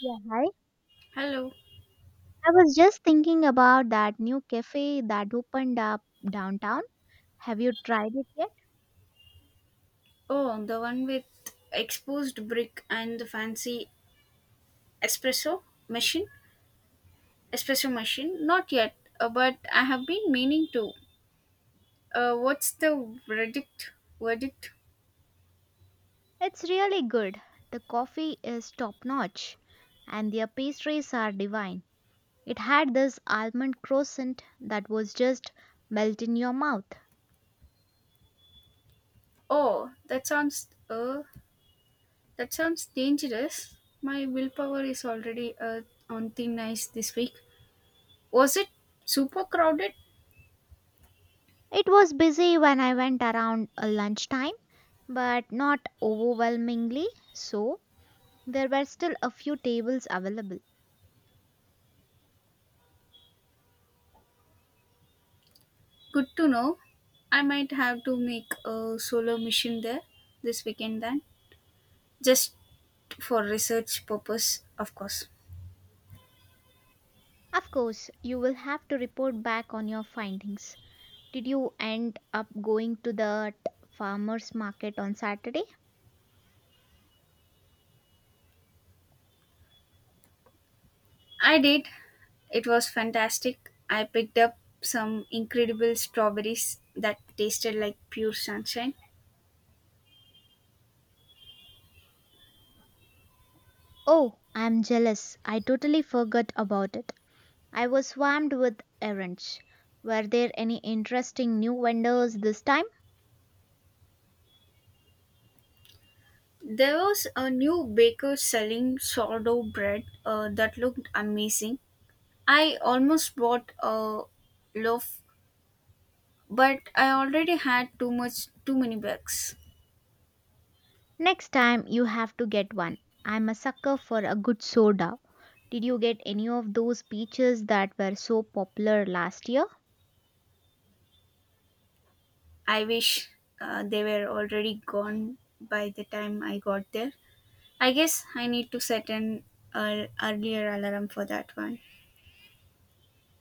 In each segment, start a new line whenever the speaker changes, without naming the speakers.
Yeah, hi.
Hello.
I was just thinking about that new cafe that opened up downtown. Have you tried it yet?
Oh, the one with exposed brick and the fancy espresso machine. Espresso machine. Not yet, but I have been meaning to. What's the verdict? Verdict.
It's really good. The coffee is top notch and their pastries are divine. It had this almond croissant that was just melt in your mouth.
Oh, that sounds. That sounds dangerous. My willpower is already on thin ice this week. Was it super crowded?
It was busy when I went around lunchtime, but not overwhelmingly so. There were still a few tables available.
Good to know. I might have to make a solo mission there this weekend then. Just for research purpose, of course.
Of course, you will have to report back on your findings. Did you end up going to that farmers market on Saturday?
I did. It was fantastic. I picked up some incredible strawberries that tasted like pure sunshine.
Oh, I'm jealous. I totally forgot about it. I was swamped with errands. Were there any interesting new vendors this time?
There was a new baker selling sourdough bread that looked amazing. I almost bought a loaf, but I already had too much, too many bags.
Next time you have to get one. I'm a sucker for a good soda. Did you get any of those peaches that were so popular last year?
I wish they were already gone by the time I got there. I guess I need to set an earlier alarm for that one.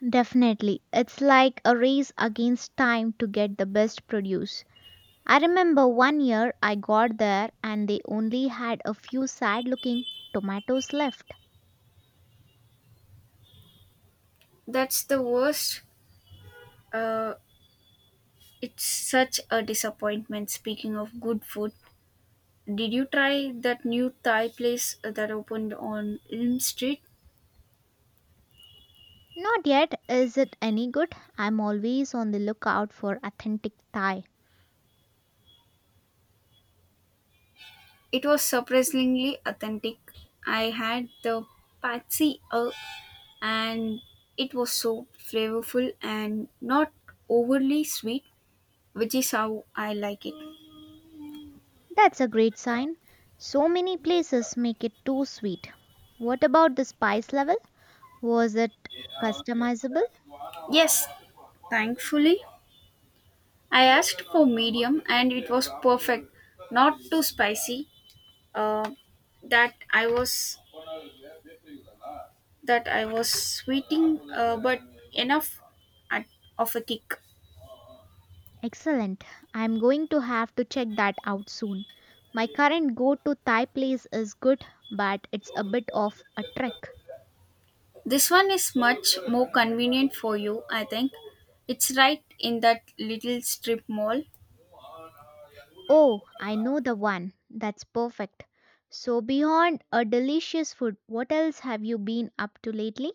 Definitely. It's like a race against time to get the best produce. I remember one year I got there and they only had a few sad looking tomatoes left.
That's the worst. Uh, it's such a disappointment. Speaking of good food, did you try that new Thai place that opened on Elm Street?
Not yet, is it any good? I'm always on the lookout for authentic Thai.
It was surprisingly authentic. I had the patsy, and it was so flavorful and not overly sweet, which is how I like it.
That's a great sign. So many places make it too sweet. What about the spice level? Was it customizable?
Yes, thankfully I asked for medium and it was perfect, not too spicy. Uh, that I was that I was sweeting, but enough at, of a kick.
Excellent. I'm going to have to check that out soon. My current go to Thai place is good, but it's a bit of a trek.
This one is much more convenient for you, I think. It's right in that little strip mall.
Oh, I know the one. That's perfect. So, beyond a delicious food, what else have you been up to lately?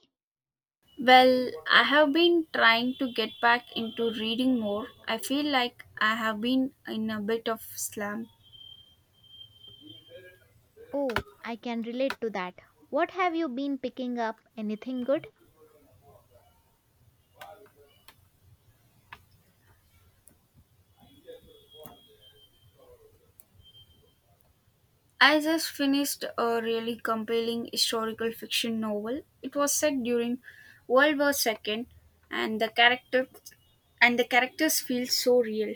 Well, I have been trying to get back into reading more. I feel like I have been in a bit of slump.
Oh, I can relate to that. What have you been picking up? Anything good?
I just finished a really compelling historical fiction novel. It was set during World War II and the characters feel so real.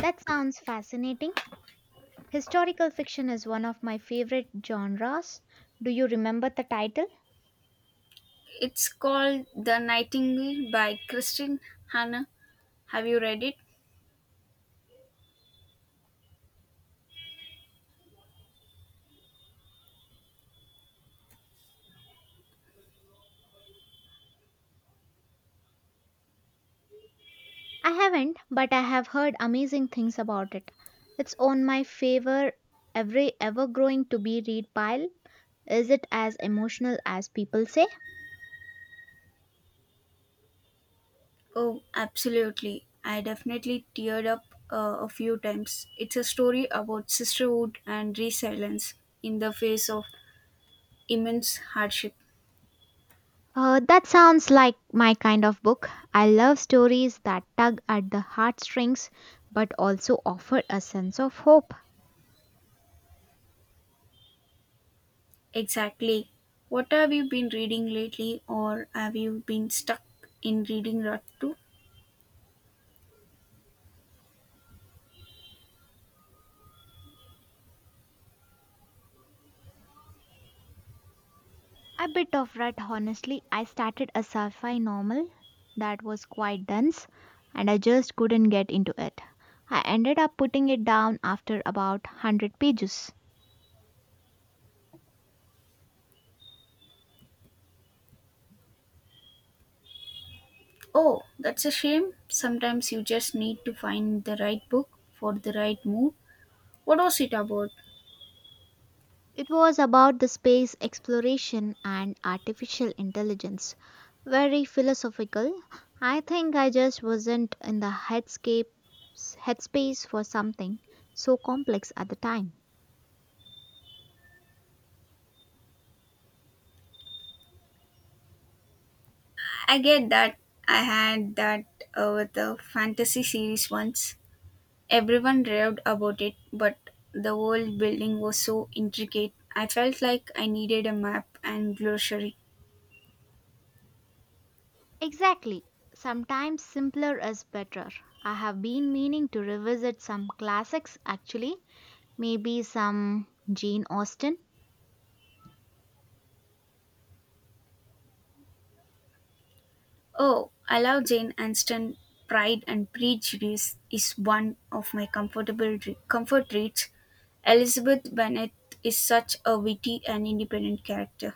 That sounds fascinating. Historical fiction is one of my favorite genres. Do you remember the title?
It's called The Nightingale by Kristin Hanna. Have you read it?
I haven't, but I have heard amazing things about it. It's on my favor every ever growing to be read pile. Is it as emotional as people say?
Oh, absolutely. I definitely teared up a few times. It's a story about sisterhood and resilience in the face of immense hardship.
That sounds like my kind of book. I love stories that tug at the heartstrings but also offer a sense of hope.
Exactly. What have you been reading lately, or have you been stuck in reading rut too?
A bit of rut, honestly. I started a sci fi novel that was quite dense and I just couldn't get into it. I ended up putting it down after about 100 pages.
Oh, that's a shame. Sometimes you just need to find the right book for the right mood. What was it about?
It was about the space exploration and artificial intelligence. Very philosophical. I think I just wasn't in the headscape headspace for something so complex at the time.
I get that. I had that with a fantasy series once. Everyone raved about it, but the world building was so intricate. I felt like I needed a map and glossary.
Exactly. Sometimes simpler is better. I have been meaning to revisit some classics actually, maybe some Jane Austen.
Oh, I love Jane Austen. Pride and Prejudice is one of my comfort reads. Elizabeth Bennet is such a witty and independent character.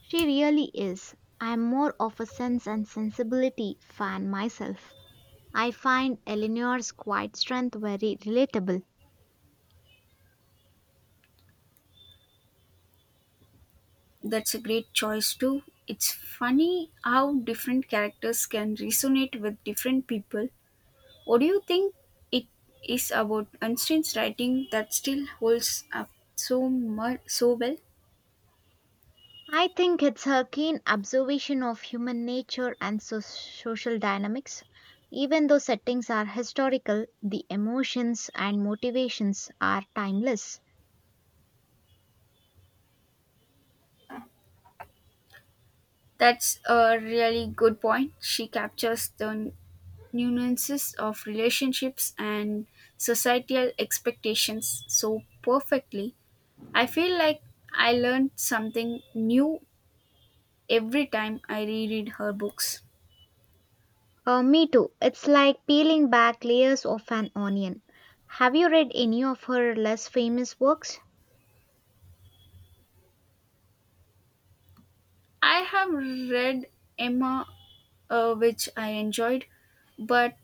She really is. I'm more of a sense and sensibility fan myself. I find Eleanor's quiet strength very relatable.
That's a great choice too. It's funny how different characters can resonate with different people. What do you think it is about Austen's writing that still holds up so much so well?
I think it's her keen observation of human nature and social dynamics. Even though settings are historical, the emotions and motivations are timeless.
That's a really good point. She captures the nuances of relationships and societal expectations so perfectly. I feel like I learned something new every time I reread her books.
Me too. It's like peeling back layers of an onion. Have you read any of her less famous works?
I have read Emma, which I enjoyed, but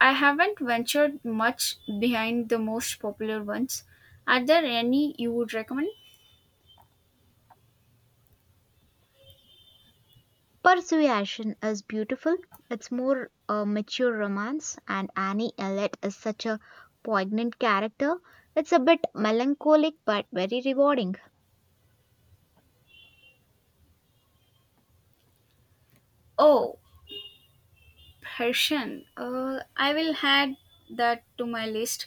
I haven't ventured much behind the most popular ones. Are there any you would recommend?
Persuasion is beautiful. It's more a mature romance, and Annie Elliot is such a poignant character. It's a bit melancholic but very rewarding.
Oh, Persian. I will add that to my list.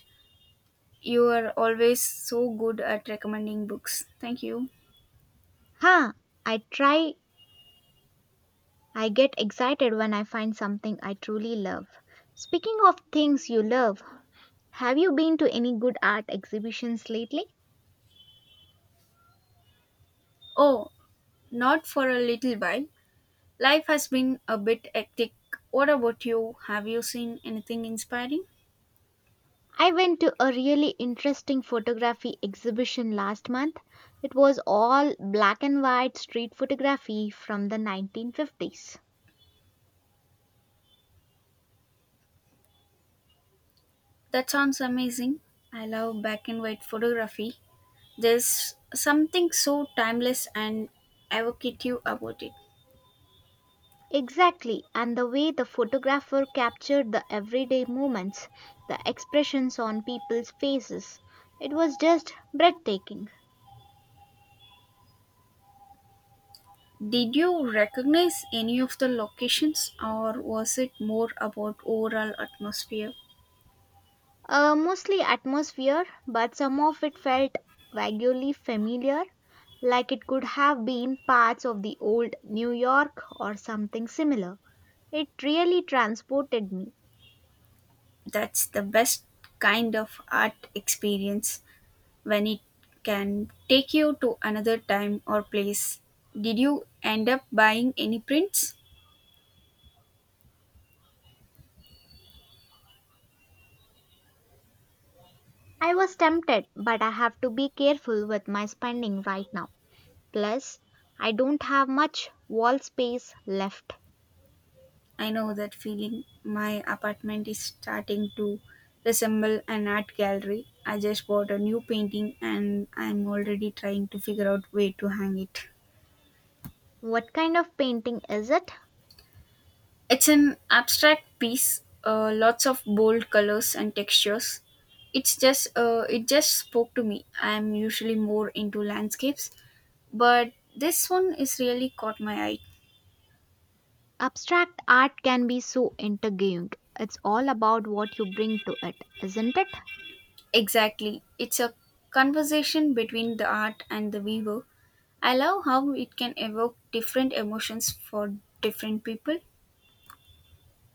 You are always so good at recommending books. Thank you.
Huh, I try, I get excited when I find something I truly love. Speaking of things you love, have you been to any good art exhibitions lately?
Oh, not for a little while. Life has been a bit hectic. What about you? Have you seen anything inspiring?
I went to a really interesting photography exhibition last month. It was all black and white street photography from the 1950s.
That sounds amazing. I love black and white photography. There's something so timeless and evocative about it.
Exactly, and the way the photographer captured the everyday moments, the expressions on people's faces, it was just breathtaking.
Did you recognize any of the locations, or was it more about overall atmosphere?
Mostly atmosphere, but some of it felt vaguely familiar, like it could have been parts of the old New York or something similar. It really transported me.
That's the best kind of art experience, when it can take you to another time or place. Did you end up buying any prints?
I was tempted, but I have to be careful with my spending right now. Plus, I don't have much wall space left.
I know that feeling. My apartment is starting to resemble an art gallery. I just bought a new painting and I'm already trying to figure out where to hang it.
What kind of painting is it?
It's an abstract piece, lots of bold colors and textures. It just spoke to me. I'm usually more into landscapes, but this one is really caught my eye.
Abstract art can be so intriguing. It's all about what you bring to it, isn't it?
Exactly. It's a conversation between the art and the viewer. I love how it can evoke different emotions for different people.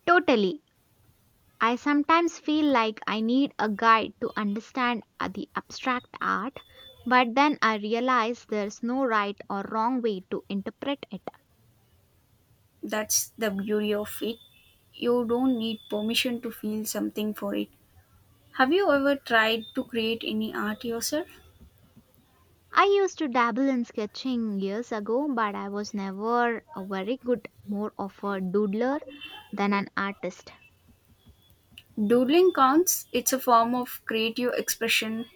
Totally. I sometimes feel like I need a guide to understand the abstract art, but then I realize there's no right or wrong way to interpret it.
That's the beauty of it. You don't need permission to feel something for it. Have you ever tried to create any art yourself?
I used to dabble in sketching years ago, but I was never a very good, more of a doodler than an artist.
Doodling counts. It's a form of creative expression.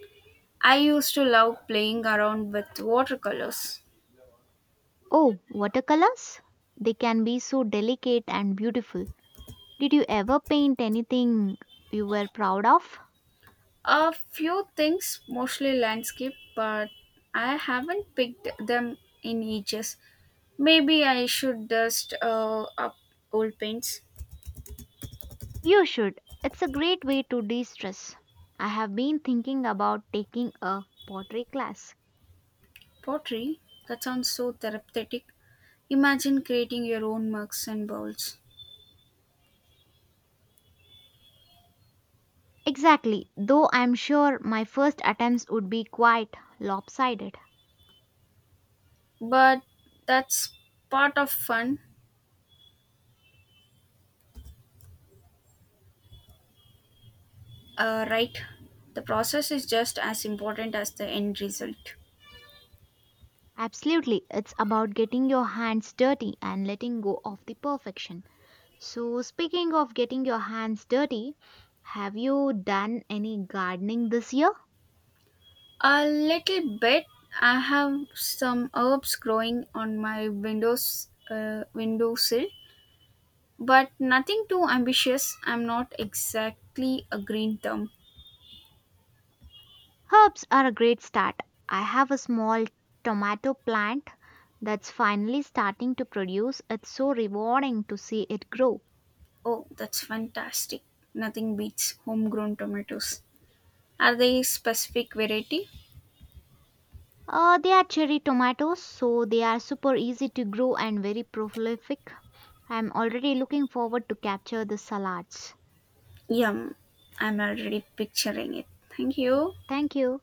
I used to love playing around with watercolors.
Oh, watercolors? They can be so delicate and beautiful. Did you ever paint anything you were proud of?
A few things, mostly landscape, but I haven't picked them in ages. Maybe I should dust up old paints.
You should. It's a great way to de stress. I have been thinking about taking a pottery class.
Pottery, that sounds so therapeutic. Imagine creating your own mugs and bowls.
Exactly, though I'm sure my first attempts would be quite lopsided.
But that's part of fun, right? The process is just as important as the end result.
Absolutely, it's about getting your hands dirty and letting go of the perfection. So, speaking of getting your hands dirty, have you done any gardening this year?
A little bit. I have some herbs growing on my windowsill but nothing too ambitious. I'm not exactly a green thumb.
Herbs are a great start. I have a small tomato plant that's finally starting to produce. It's so rewarding to see it grow.
Oh, that's fantastic. Nothing beats homegrown tomatoes. Are they specific variety?
They are cherry tomatoes, so they are super easy to grow and very prolific. I'm already looking forward to capture the salads.
Yum. I'm already picturing it. Thank you.
Thank you.